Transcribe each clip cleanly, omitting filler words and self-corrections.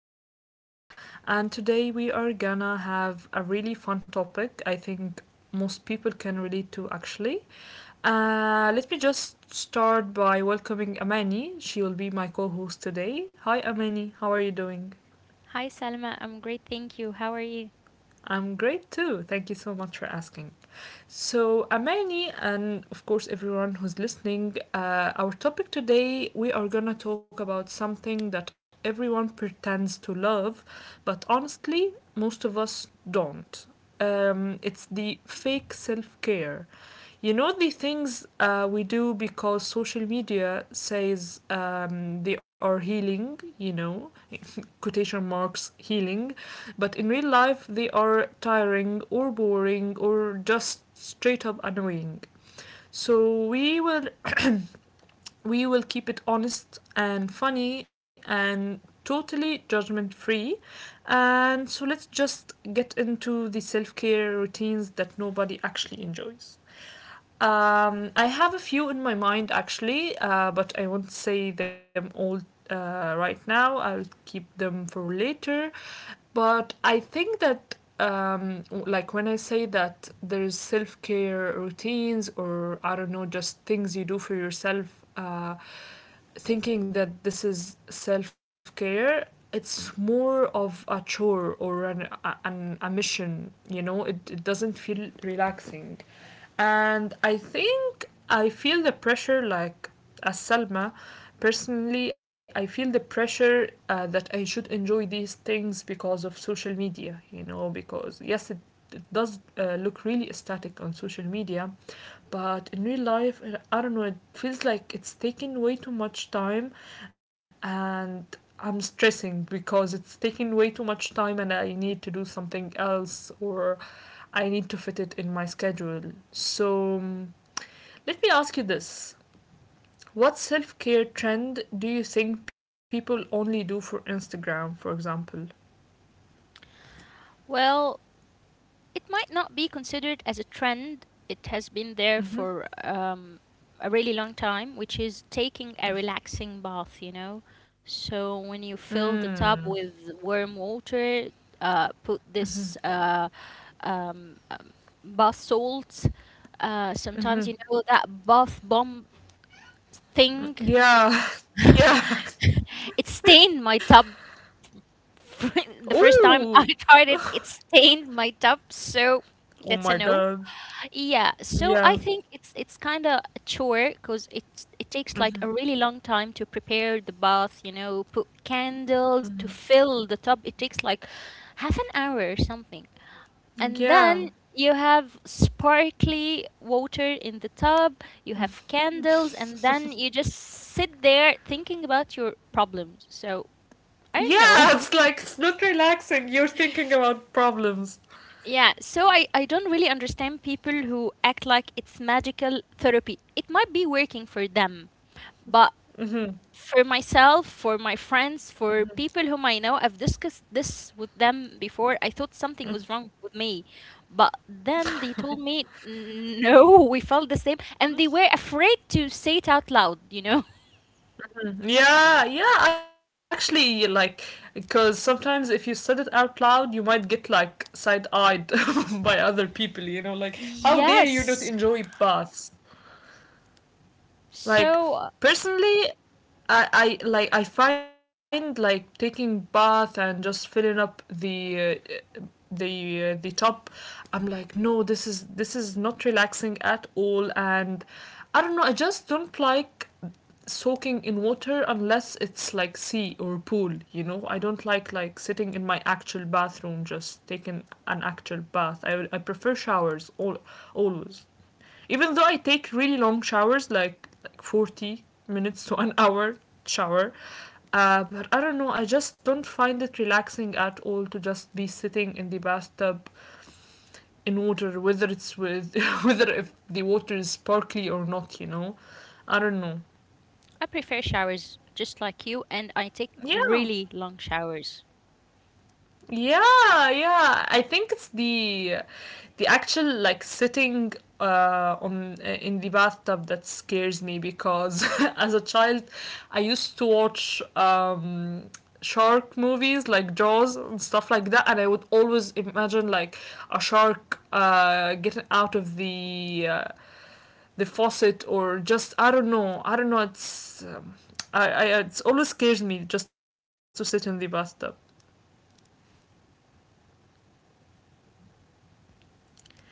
host Salma, and today we are gonna have a really fun topic. I think most people can relate to actually. Let me just start by welcoming Amani. She will be my co host today. Hi, Amani, how are you doing? Hi, Salma. I'm great, thank you. How are you? I'm great too. Thank you so much for asking. So, Amani, and of course, everyone who's listening, our topic today we are gonna talk about something that everyone pretends to love, but honestly, most of us don't. It's the fake self care. You know, the things we do because social media says they are healing, you know, quotation marks healing, but in real life they are tiring or boring or just straight up annoying. So we will we will keep it honest and funny and totally judgment free. And so let's just get into the self-care routines that nobody actually enjoys. I have a few in my mind actually, but I won't say them all right now. I'll keep them for later. But I think that, like, when I say that there's self care routines or I don't know, just things you do for yourself, uh, thinking that this is self care, it's more of a chore or a mission, you know, it doesn't feel relaxing. And I think I feel the pressure, like as Salma, personally, I feel the pressure that I should enjoy these things because of social media, you know, because yes, it does look really aesthetic on social media, but in real life, I don't know, it feels like it's taking way too much time and I'm stressing because it's taking way too much time and I need to do something else or I need to fit it in my schedule. So, let me ask you this. What self care trend do you think people only do for Instagram, for example? Well, it might not be considered as a trend. It has been there for Mm-hmm. A really long time, which is taking a relaxing bath, you know? So when you fill the Mm. tub with warm water, put this um, bath salts. Sometimes, Mm-hmm. That bath bomb thing. Yeah. Yeah. It stained my tub the first Oh. time I tried it, it stained my tub, so Oh my that's a no. god. Yeah, so Yeah. I think it's kind of a chore because it takes like Mm-hmm. a really long time to prepare the bath, put candles to Mm-hmm. fill the tub. It takes like half an hour or something. And Yeah. then you have sparkly water in the tub, you have candles, and then you just sit there thinking about your problems. So I don't know. Yeah, it's like it's not relaxing. You're thinking about problems. Yeah, so I don't really understand people who act like it's magical therapy. It might be working for them, but Mm-hmm. for myself, for my friends, for people whom I know, I've discussed this with them before. I thought something was wrong with me, but then they told me, no, we felt the same, and they were afraid to say it out loud, you know? Yeah, yeah, actually, like, because sometimes if you said it out loud, you might get, like, side eyed by other people, you know, like, how dare you not enjoy Yes. baths? Like, So personally, I like I find like taking bath and just filling up the top. I'm like, no, this is not relaxing at all. And I don't know, I just don't like soaking in water unless it's like sea or pool, you know. I don't like sitting in my actual bathroom just taking an actual bath. I prefer showers all, always, even though I take really long showers, like 40 minutes to an hour shower. But I don't know, I just don't find it relaxing at all to just be sitting in the bathtub in water whether it's with whether if the water is sparkly or not, you know. I don't know. I prefer showers just like you, and I take Yeah. really long showers. Yeah, yeah. I think it's the actual like sitting on in the bathtub that scares me because as a child I used to watch shark movies like Jaws and stuff like that, and I would always imagine like a shark getting out of the faucet or just I don't know. I don't know. It's I it's always scares me just to sit in the bathtub.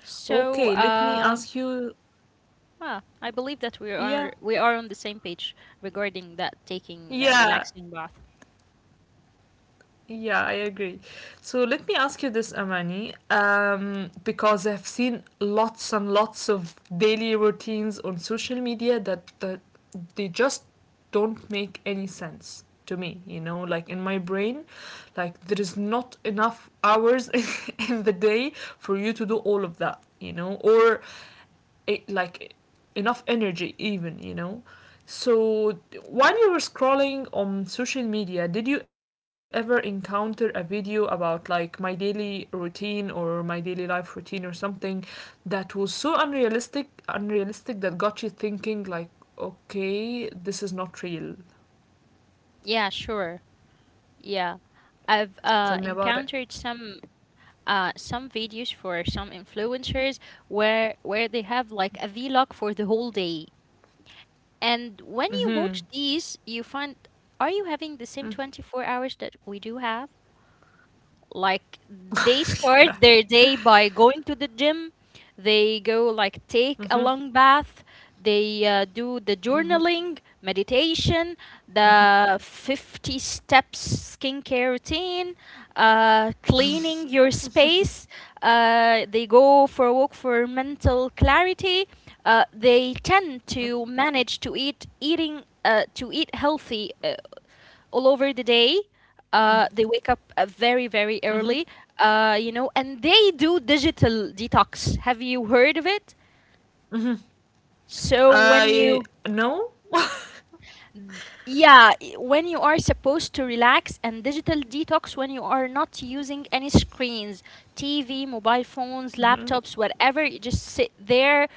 So, Okay, let me ask you. I believe that we Yeah, are we are on the same page regarding that taking a yeah, relaxing bath. yeah, I agree. So let me ask you this, Amani, because I've seen lots and lots of daily routines on social media that, that they just don't make any sense to me, you know, like in my brain, like there is not enough hours in the day for you to do all of that, you know, or it, like enough energy even, you know. So while you were scrolling on social media, did you ever encounter a video about like my daily routine or my daily life routine or something that was so unrealistic that got you thinking like, okay, this is not real? Yeah, sure. Yeah. I've Tell me about it. encountered some videos for some influencers where they have like a vlog for the whole day. And when you Mhm. watch these, you find, are you having the same Mm. 24 hours that we do have? Like they start their day by going to the gym. They go like take Mhm. a long bath. They do the Mhm. journaling, meditation, Mhm. the 50 steps skincare routine, cleaning your space. They go for a walk for mental clarity. They tend to manage to eat healthy all over the day. They wake up Mhm. very, very early, and they do digital detox. Have you heard of it? So when I. you, No. yeah, when you are supposed to relax and digital detox when you are not using any screens, TV, mobile phones, Mhm. laptops, whatever, you just sit there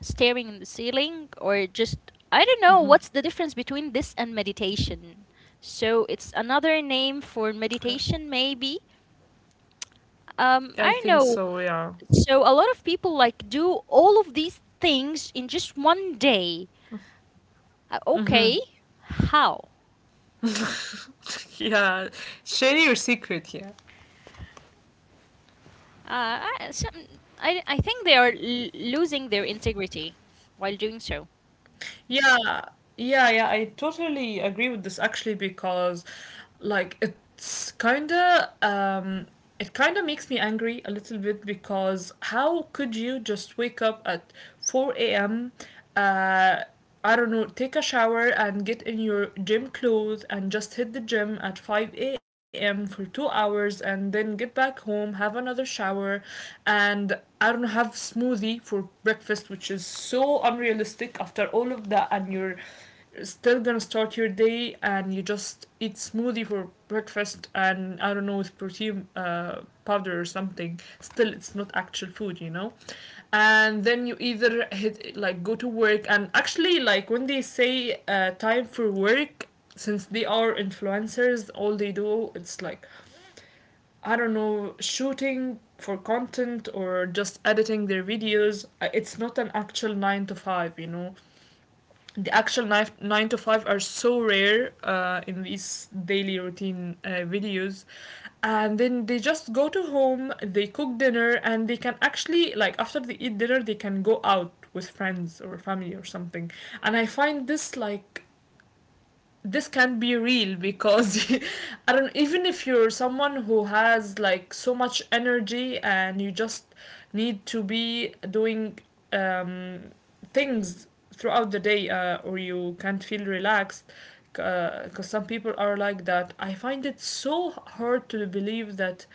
staring in the ceiling or just, I don't know, what's Mhm. the difference between this and meditation? So it's another name Uh, for meditation, maybe. I think I don't so, know. yeah. So a lot of people like do all of these things in just one day. Okay, how? Yeah. Share your secret, yeah. Uh, I, some, I think they are losing their integrity while doing so. Yeah, yeah, yeah, I totally agree with this actually, because like it's kind of it kind of makes me angry a little bit because how could you just wake up at 4 a.m uh I don't know, take a shower and get in your gym clothes and just hit the gym at 5 a.m. for 2 hours and then get back home, have another shower, and I don't have smoothie for breakfast, which is so unrealistic after all of that, and you're still gonna start your day and you just eat smoothie for breakfast and I don't know with protein powder or something. Still, it's not actual food, you know. And then you either hit like go to work and actually like when they say time for work, since they are influencers, all they do it's like I don't know, shooting for content or just editing their videos. It's not an actual nine to five, you know. The actual nine to five are so rare in these daily routine videos. And then they just go to home, they cook dinner, and they can actually, like, after they eat dinner, they can go out with friends or family or something. And I find this, like, this can be real because I don't even if you're someone who has like so much energy and you just need to be doing um things throughout the day or you can't feel relaxed because some people are like that. I find it so hard to believe that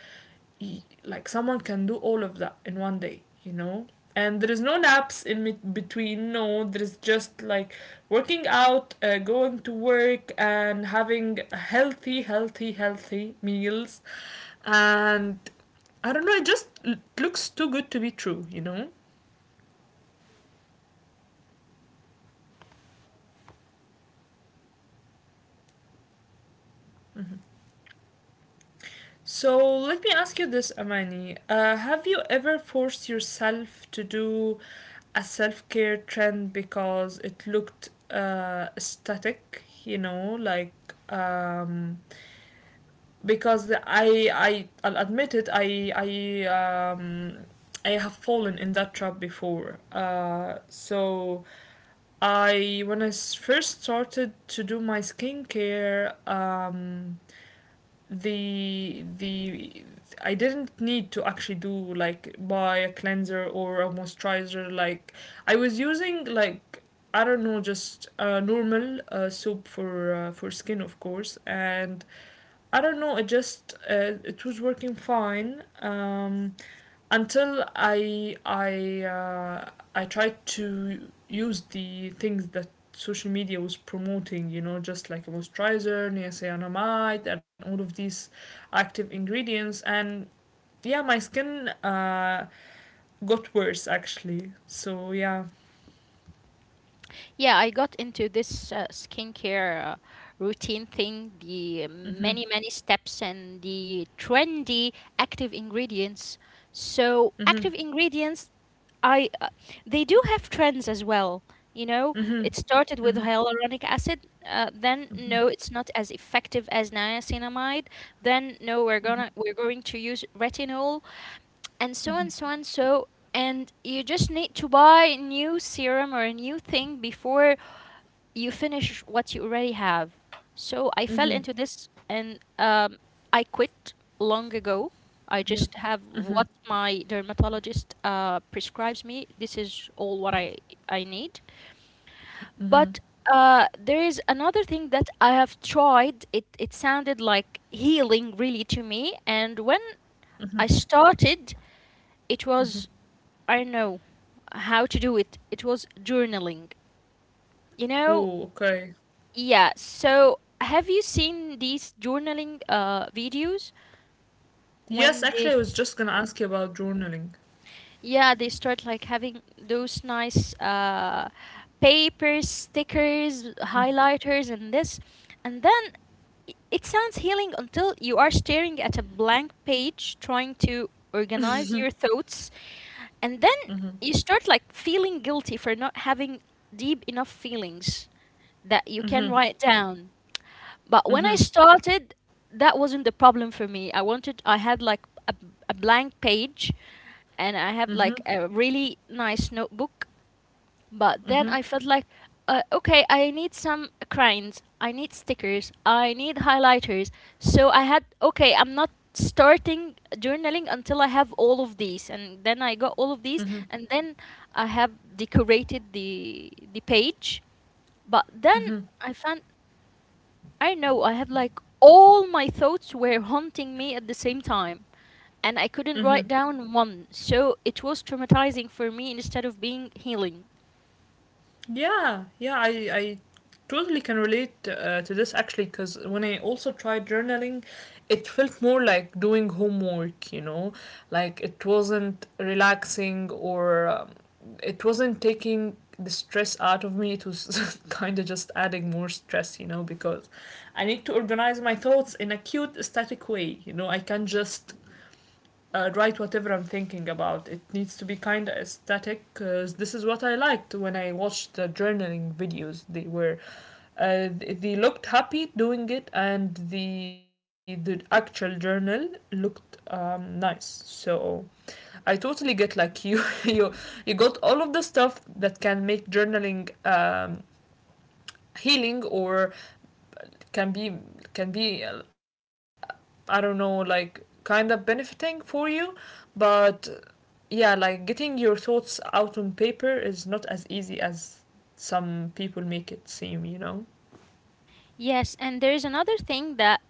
like someone can do all of that in one day, you know. And there is no naps in between. No, there's just like working out, going to work and having healthy meals. And I don't know, it just looks too good to be true, you know. So let me ask you this, Amani. Have you ever forced yourself to do a self care trend because it looked aesthetic? You know, like um, because I'll admit it. Um, I have fallen in that trap before. So. I when I first started to do my skincare, the I didn't need to actually do like buy a cleanser or a moisturizer. Like I was using like I don't know just a normal soap for skin of course, and I don't know it just it was working fine. Until I tried to use the things that social media was promoting, you know, just like a moisturizer, niacinamide, and all of these active ingredients, and yeah, my skin got worse actually. So yeah. Yeah, I got into this skincare routine thing, the many, many steps and the trendy active ingredients. So, Mhm. active ingredients I they do have trends as well. Mhm. It started with Mhm. hyaluronic acid. Then Mhm. no, it's not as effective as niacinamide. Then no, we're going to use retinol and so Mhm. and so and so. And you just need to buy a new serum or a new thing before you finish what you already have. So I fell Mhm. into this and I quit long ago. I Yeah. just have Mhm. what my dermatologist prescribes me. This is all what I need. But Mhm. There is another thing that I have tried. It sounded like healing really to me. And when I started, it was, Mhm. I don't know how to do it. It was journaling. You know? Oh, okay. Yeah, so have you seen these journaling videos Yes, when actually, I they was just gonna ask you about journaling. yeah, they start like having those nice papers, stickers, highlighters and this. And then it sounds healing until you are staring at a blank page trying to organize your thoughts and then you start like feeling guilty for not having deep enough feelings that you can write down. But when I Mm-hmm. started, that wasn't the problem for me. I had like a blank page and I had like Mm-hmm. a really nice notebook. But then Mm-hmm. I felt like, okay, I need some crayons, I need stickers, I need highlighters. So okay, I'm not starting journaling until I have all of these. And then I got all of these Mm-hmm. Mm-hmm. and then I have decorated the page. But then I found I know I had like all my thoughts were haunting me at the same time, and I couldn't Mm-hmm. write down one, so it was traumatizing for me instead of being healing. Yeah, yeah, I totally can relate to this actually because when I also tried journaling, it felt more like doing homework, you know, like it wasn't relaxing or it wasn't taking the stress out of me. It was kind of just adding more stress, you know, because I need to organize my thoughts in a cute, static way, you know, I can't just write whatever I'm thinking about. It needs to be kind of aesthetic because this is what I liked when I watched the journaling videos. They were, uh, they looked happy doing it, and the actual journal looked nice. So I totally get like you you got all of the stuff that can make journaling healing or can be can be I don't know like kind of benefiting for you, but yeah, like getting your thoughts out on paper is not as easy as some people make it seem, you know? Yes, and there's another thing that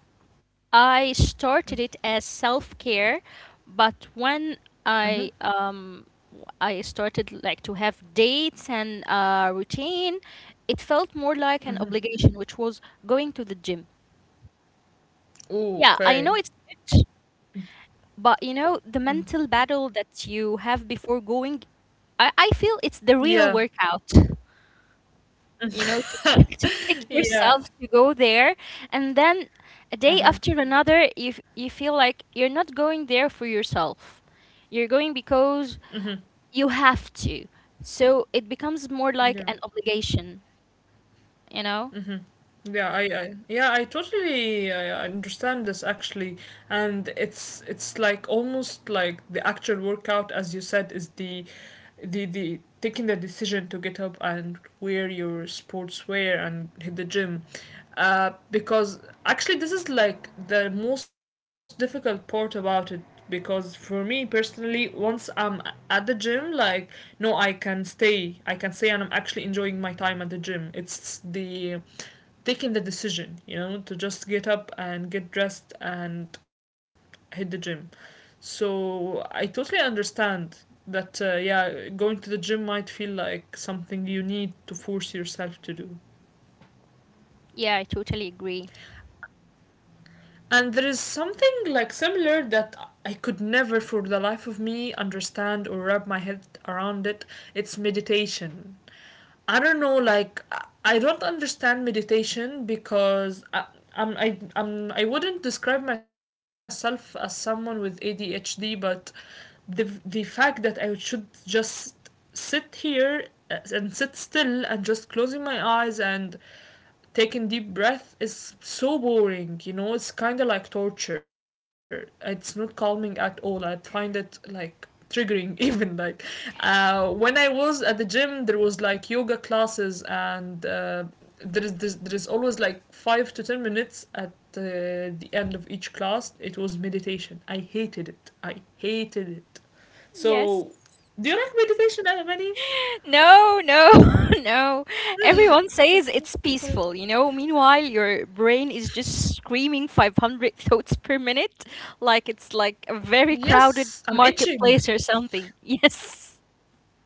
I started it as self-care, but when Mm-hmm. I um I started like to have dates and routine, it felt more like an obligation, which was going to the gym. Ooh, Yeah, I know okay. it's good. But the mental battle that you have before going, I feel it's the real Yeah. workout, to, to take Yeah. yourself to go there. And then a day Uh-huh. after another, you feel like you're not going there for yourself. You're going because you have to. So it becomes more like Yeah. an obligation, you know? Yeah, I yeah, I totally understand this actually, and it's like almost like the actual workout, as you said, is the taking the decision to get up and wear your sportswear and hit the gym because actually this is like the most difficult part about it because for me personally once I'm at the gym like no I can stay and I'm actually enjoying my time at the gym. It's the taking the decision, you know, to just get up and get dressed and hit the gym. So I totally understand that, yeah, going to the gym might feel like something you need to force yourself to do. Yeah, I totally agree. And there is something like similar that I could never for the life of me understand or wrap my head around it. It's meditation. I don't know, don't understand meditation because I wouldn't describe myself as someone with ADHD, but the fact that I should just sit here and sit still and just closing my eyes and taking deep breath is so boring, you know? It's kind of like torture. It's not calming at all. I find it like triggering even like when I was at the gym there was like yoga classes, and there is always like 5 to 10 minutes at uh, the end of each class it was meditation. I hated it. I hated it. Yes. So do you like meditation, Amani? No, no, no. Everyone says it's peaceful. Meanwhile, your brain is just screaming 500 thoughts per minute, like it's like a Yes, very I'm crowded itching. marketplace or something. Yes.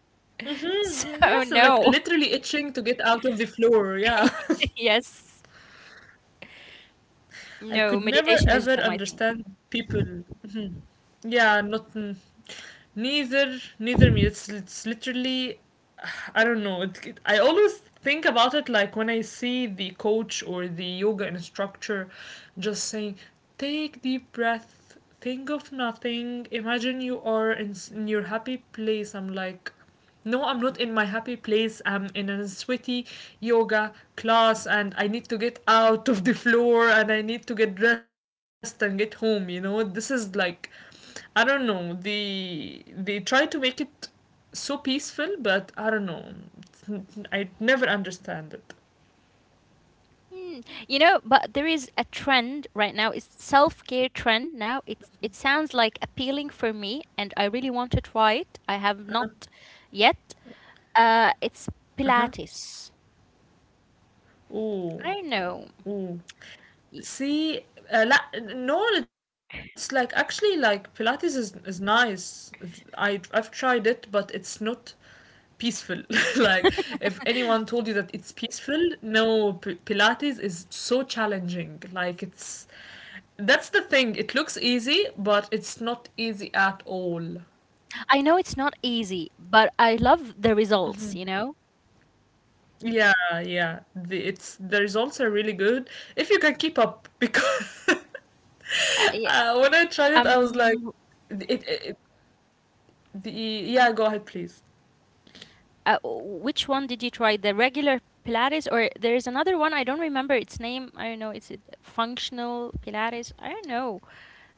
Mhm, mhm. Yes, I'm So, like no. literally itching to get out of the floor. Yeah. Yes. I could No, never meditation ever is not my thing. understand people. Yeah, not neither. Neither me. It's literally, I don't know. I always think about it like when I see the coach or the yoga instructor, just saying, "Take deep breath, think of nothing, imagine you are in, in your happy place." I'm like, no, I'm not in my happy place. I'm in a sweaty yoga class and I need to get out of the floor and I need to get dressed and get home, you know? This is like I don't know. They try to make it so peaceful, but I don't know. I never understand it. Hmm. But there is a trend right now. It's self-care trend now. It sounds like appealing for me, and I really want to try it. I have not yet. It's Pilates. Ooh, I know. ooh. Y- See, no, it's like actually like Pilates is nice. I I've tried it, but it's not peaceful. Like if anyone told you that it's peaceful, no, Pilates is so challenging. Like it's that's the thing. It looks easy, but it's not easy at all. I know it's not easy, but I love the results, you know? Yeah, yeah. It's the results are really good if you can keep up because I, when I tried it, I was like, um, it- the yeah. Go ahead, please. Which one did you try? The regular Pilates, or there is another one, I don't remember its name. I don't know. It's a functional Pilates. I don't know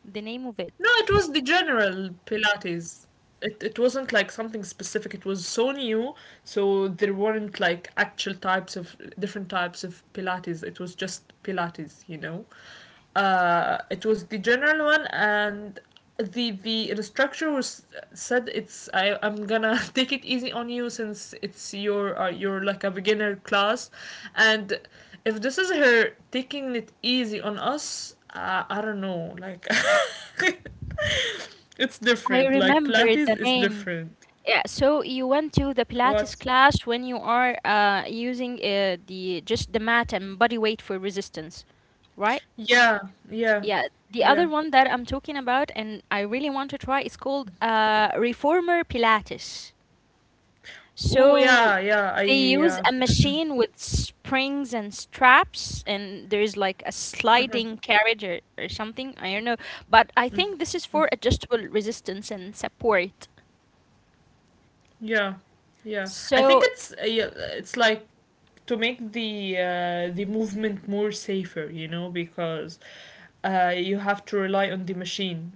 the name of it. No, it was the general Pilates. It wasn't like something specific. It was so new, so there weren't like actual types of different types of Pilates. It was just Pilates, you know. It was the general one, and the instructor was said it's I'm gonna take it easy on you since it's your you're like a beginner class, and if this is her taking it easy on us, I don't know. Like, it's I different. Like, remember Pilates the is name. different. Yeah, so you went to the Pilates What? class when you are using the just the mat and body weight for resistance, right? Yeah, yeah, Yeah, the yeah. other one that I'm talking about and I really want to try is called Reformer Pilates. Oh, So yeah, yeah. I they use yeah, a machine with springs and straps, and there is like a uh-huh. sliding carriage or something. I don't know. But I think this is for adjustable resistance and support. Yeah, yeah. I think So, it's yeah, it's like to make the movement more safer, you know, because you have to rely on the machine,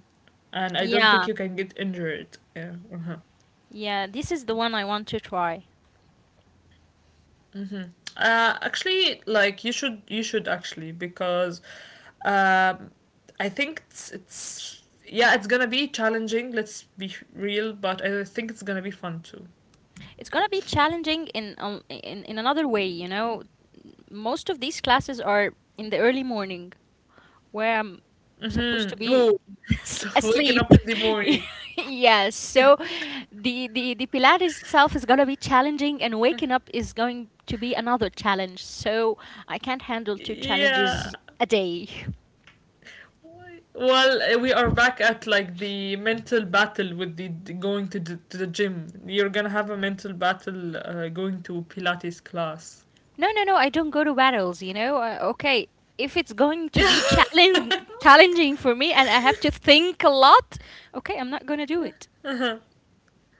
and I don't yeah, think you can get injured. Yeah. Uh-huh. yeah, this is the one I want to try. Actually, like you should actually because um, I think it's yeah, it's gonna be challenging. Let's be real, but I think it's gonna be fun too. It's gonna be challenging in another way. Most of these classes are in the early morning, where I'm supposed to Mm-hmm. be Oh, so waking asleep. up in the morning. Yes. So the Pilates itself is gonna be challenging, and waking up is going to be another challenge. So I can't handle two Yeah. challenges a day. Well, we are back at like the mental battle with the going to to the gym. You're gonna have a mental battle going to Pilates class. No, no, no. I don't go to battles. Okay. If it's going to be challenge Yeah. challenging for me, and I have to think a lot, okay, I'm not gonna do it.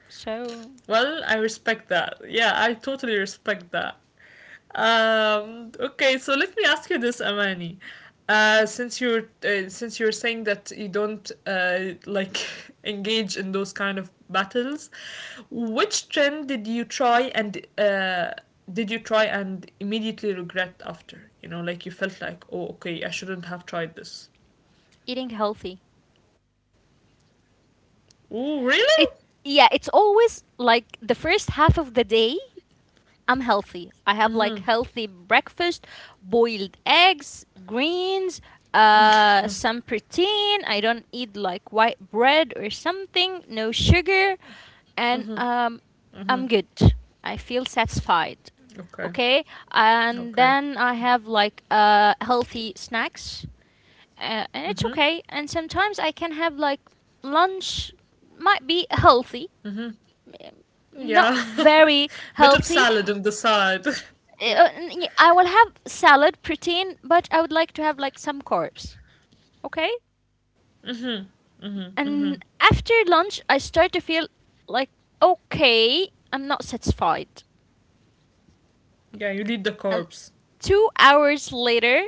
So Well, I respect that. Yeah, I totally respect that. Okay, so let me ask you this, Amani. Since you're saying that you don't like engage in those kind of battles, which trend did you try and immediately regret after? You know, like you felt like, oh, okay, I shouldn't have tried this. eating healthy. Oh, really? It Yeah, it's always like the first half of the day I'm healthy. I have like healthy breakfast, boiled eggs, greens, some protein. I don't eat like white bread or something, no sugar, and I'm good. I feel satisfied. Okay, Okay, and okay. then I have like healthy snacks, and it's Mm-hmm. okay. And sometimes I can have like lunch, might be healthy, not Yeah, very bit of healthy. salad on the side. Yeah. I will have salad, protein, but I would like to have like some carbs. Okay? And after lunch, I start to feel like, okay, I'm not satisfied. Yeah, you need the And corpse. 2 hours later,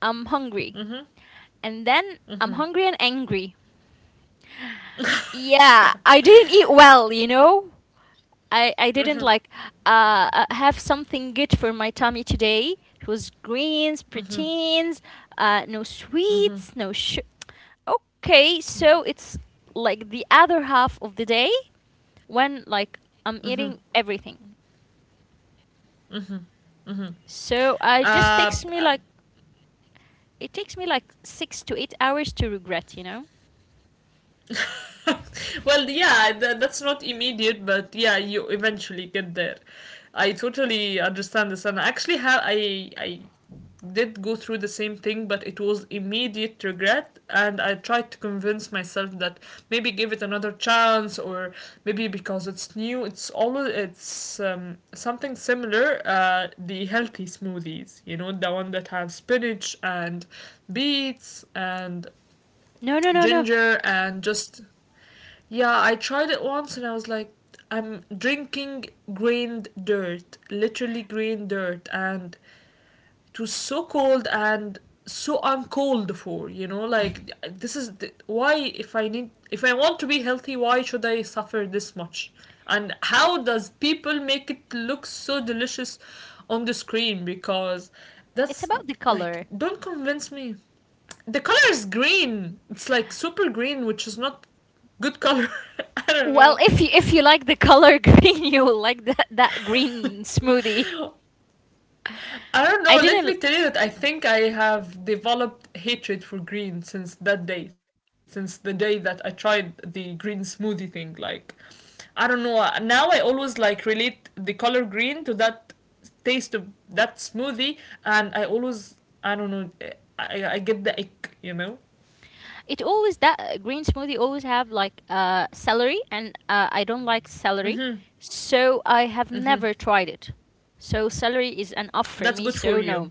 I'm hungry. Mm-hmm. And then I'm Mm-hmm. hungry and angry. Yeah, Yeah. I didn't eat well, you know? I didn't Mm-hmm. like have something good for my tummy today. It was greens, proteins, no Mm-hmm. sweets, no. Okay, so it's like the other half of the day when like Mm-hmm. I'm eating everything. So I just Uh, takes uh, me like it takes me like 6 to 8 hours to regret, you know? well yeah, that's not immediate, but yeah, you eventually get there. I totally understand this, and I actually have I did go through the same thing, but it was immediate regret, and I tried to convince myself that maybe give it another chance, or maybe because it's new. It's always it's something similar. The healthy smoothies, you know, the one that has spinach and beets and No, no, no, no. ginger and just yeah, I tried it once and I was like, I'm drinking grained dirt, literally grained dirt, and it was so cold and so uncalled for, you know? Like this is why if I want to be healthy, why should I suffer this much, and how does people make it look so delicious on the screen? Because It's that's about the like color. don't convince me. The color is green. It's like super green, which is not good color. I Well, don't if you like the color green, you will like that green know. smoothie. I don't know. I Let didn't. me tell you that I think I have developed hatred for green since that day, since the day that I tried the green smoothie thing. Like, I don't know. Now I always like relate the color green to that taste of that smoothie, and I don't know, I get the ick, you know? It always that green smoothie always have like celery, and I don't like celery, so I have never tried it. So celery is an off for That's me. good for So you. no,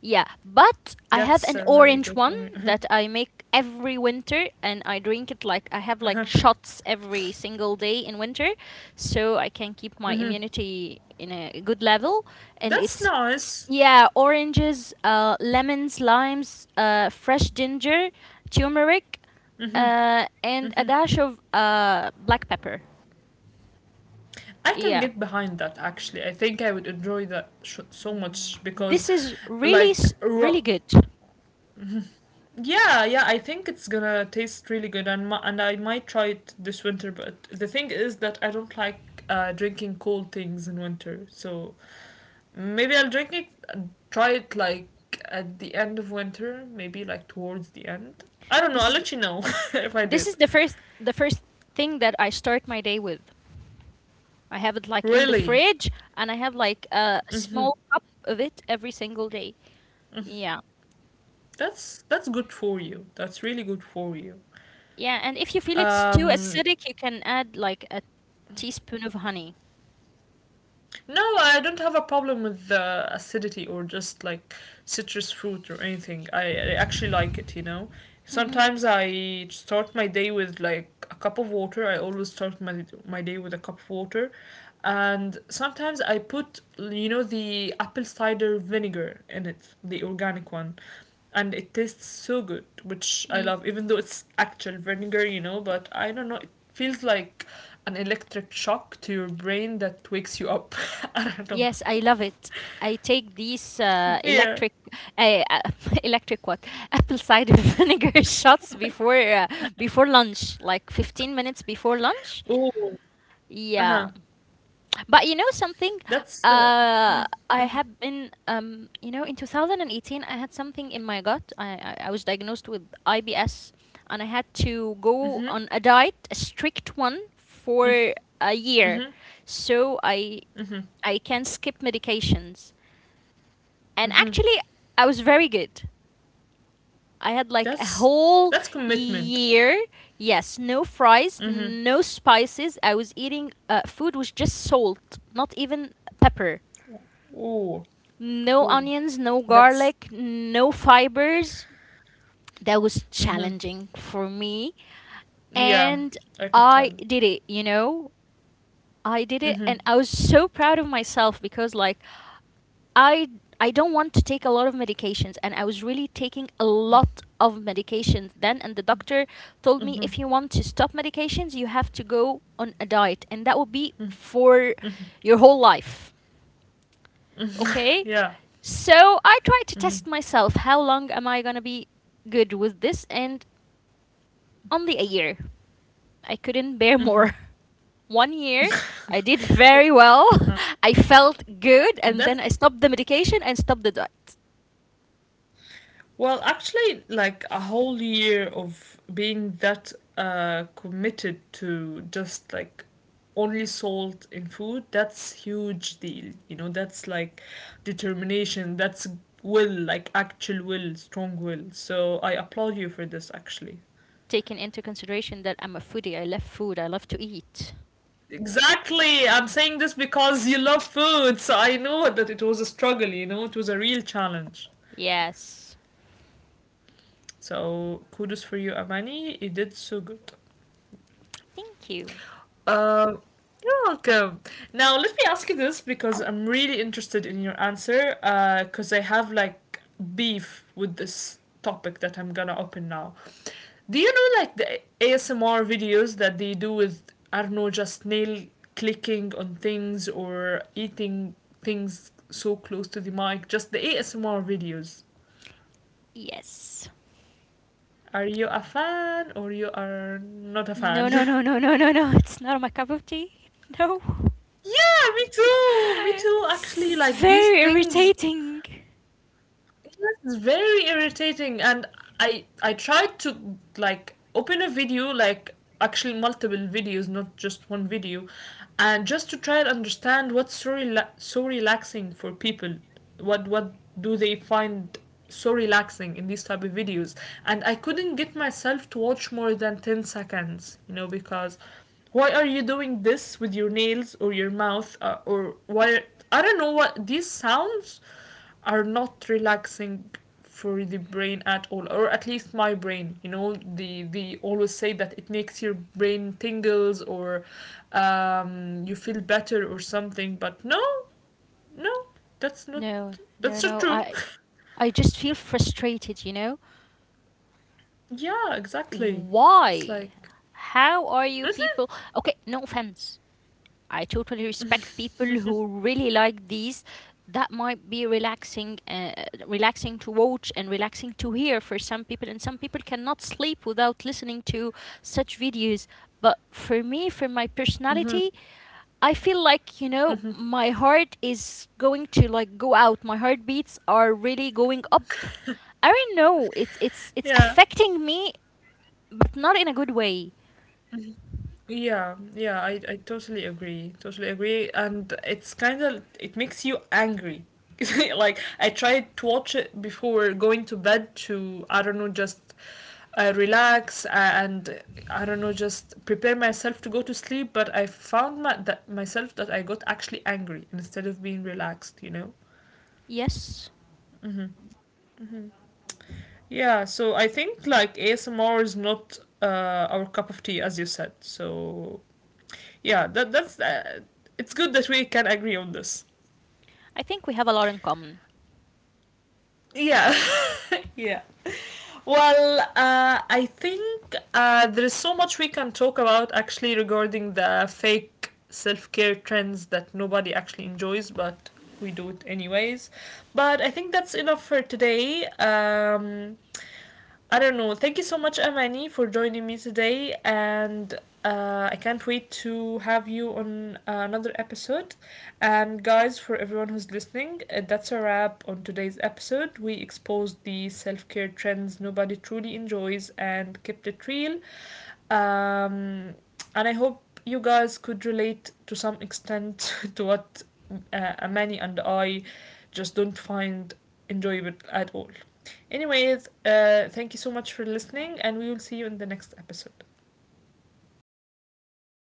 yeah. But I have That's an really orange good for one me. that I make every winter, and I drink it like I have like shots every single day in winter, so I can keep my immunity in a good level. And That's it's nice. yeah, oranges, lemons, limes, fresh ginger, turmeric, and a dash of black pepper. I can Yeah, get behind that actually. I think I would enjoy that so much because, this is really like, s- really good. yeah, yeah. I think it's gonna taste really good, and and I might try it this winter. But the thing is that I don't like drinking cold things in winter, so maybe I'll drink it, uh, try it like at the end of winter, maybe like towards the end. I don't know. This I'll is let you know if I this did. is the first thing that I start my day with. I have it like in the Really, fridge, and I have like a small cup of it every single day. Yeah, that's good for you. That's really good for you. yeah. And if you feel it's too Um, acidic, you can add like a teaspoon of honey. No, I don't have a problem with the acidity or just like citrus fruit or anything. I actually like it, you know. Mm-hmm. Sometimes I start my day with like a cup of water. I always start my day with a cup of water. And sometimes I put, you know, the apple cider vinegar in it, the organic one. And it tastes so good, which I love, even though it's actual vinegar, you know. But I don't know, it feels like an electric shock to your brain that wakes you up. I don't know. Yes, I love it. I take these Yeah. electric, uh, electric what? Apple cider vinegar shots before lunch, like 15 minutes before lunch. Oh, uh-huh. Yeah, but you know something? That's the Uh, I have been, you know, in 2018, I had something in my gut. I was diagnosed with IBS, and I had to go on a diet, a strict one, for a year. So I can skip medications. And actually, I was very good. I had like a that's whole that's commitment. year. Yes, no fries, Mm-hmm. no spices. I was eating food with just salt, not even pepper. Ooh, No ooh, onions, no that's garlic, no fibers. That was mm-hmm. challenging for me. Yeah, And I could tell. I did it, you know? I did it. Mm-hmm. And I was so proud of myself because, like, I I don't want to take a lot of medications and I was really taking a lot of medications then and the doctor told me if you want to stop medications you have to go on a diet and that will be for your whole life. Okay? Yeah, So I tried to test myself how long am I going to be good with this and only a year. I couldn't bear more. One year, I did well, very well. I felt good and that's then I stopped the medication and stopped the diet. well, actually, like a whole year of being that committed to just like only salt in food. That's huge deal. You know, that's like determination. That's will, like actual will, strong will. So I applaud you for this, actually. Taken into consideration that I'm a foodie. I love food. I love to eat. Exactly. I'm saying this because you love food. So I know that it was a struggle, you know, it was a real challenge. Yes. So kudos for you, Amani. You did so good. Thank you. Um, you're welcome. Now, let me ask you this because I'm really interested in your answer. Because I have like beef with this topic that I'm gonna open now. Do you know like the ASMR videos that they do with I don't know just nail clicking on things or eating things so close to the mic? Just the ASMR videos. Yes. Are you a fan or you are not a No, fan? no, no, no, no, no, no. It's not my cup of tea. No. Yeah, me too. Me too. Actually, It's like these very things irritating. that's very irritating. And I tried to like open a video, like actually multiple videos, not just one video, and just to try and understand what's so relaxing for people. What do they find so relaxing in these type of videos? And I couldn't get myself to watch more than 10 seconds, you know, because why are you doing this with your nails or your mouth? Or why I don't know. What these sounds are not relaxing for the brain at all, or at least my brain. You know, the always say that it makes your brain tingles or you feel better or something, but no, no, that's not No, no, that's not no. true. I just feel frustrated, you know? Yeah, exactly. It's Why? like How are you people? Okay, no offense. I totally respect people who really like these. That might be relaxing to watch and relaxing to hear for some people. And some people cannot sleep without listening to such videos. But for me, for my personality, I feel like my heart is going to like go out. My heartbeats are really going up. I don't know. It's yeah. affecting me, but not in a good way. Yeah, yeah, I totally agree. Totally agree. And it's kind of, it makes you angry. Like, I tried to watch it before going to bed to, I don't know, just relax and, I don't know, just prepare myself to go to sleep. But I found that myself that I got actually angry instead of being relaxed, you know? Yes, Yeah, so I think like ASMR is not our cup of tea, as you said. So, yeah, that's it's good that we can agree on this. I think we have a lot in common. Yeah, yeah. Well, I think there is so much we can talk about actually regarding the fake self care trends that nobody actually enjoys, but we do it anyways. But I think that's enough for today. I don't know. Thank you so much, Amani, for joining me today, and I can't wait to have you on another episode. And guys, for everyone who's listening, that's a wrap on today's episode. We exposed the self care trends nobody truly enjoys and kept it real. Um, and I hope you guys could relate to some extent to what Amani and I just don't find enjoyable at all. Anyways, thank you so much for listening, and we will see you in the next episode.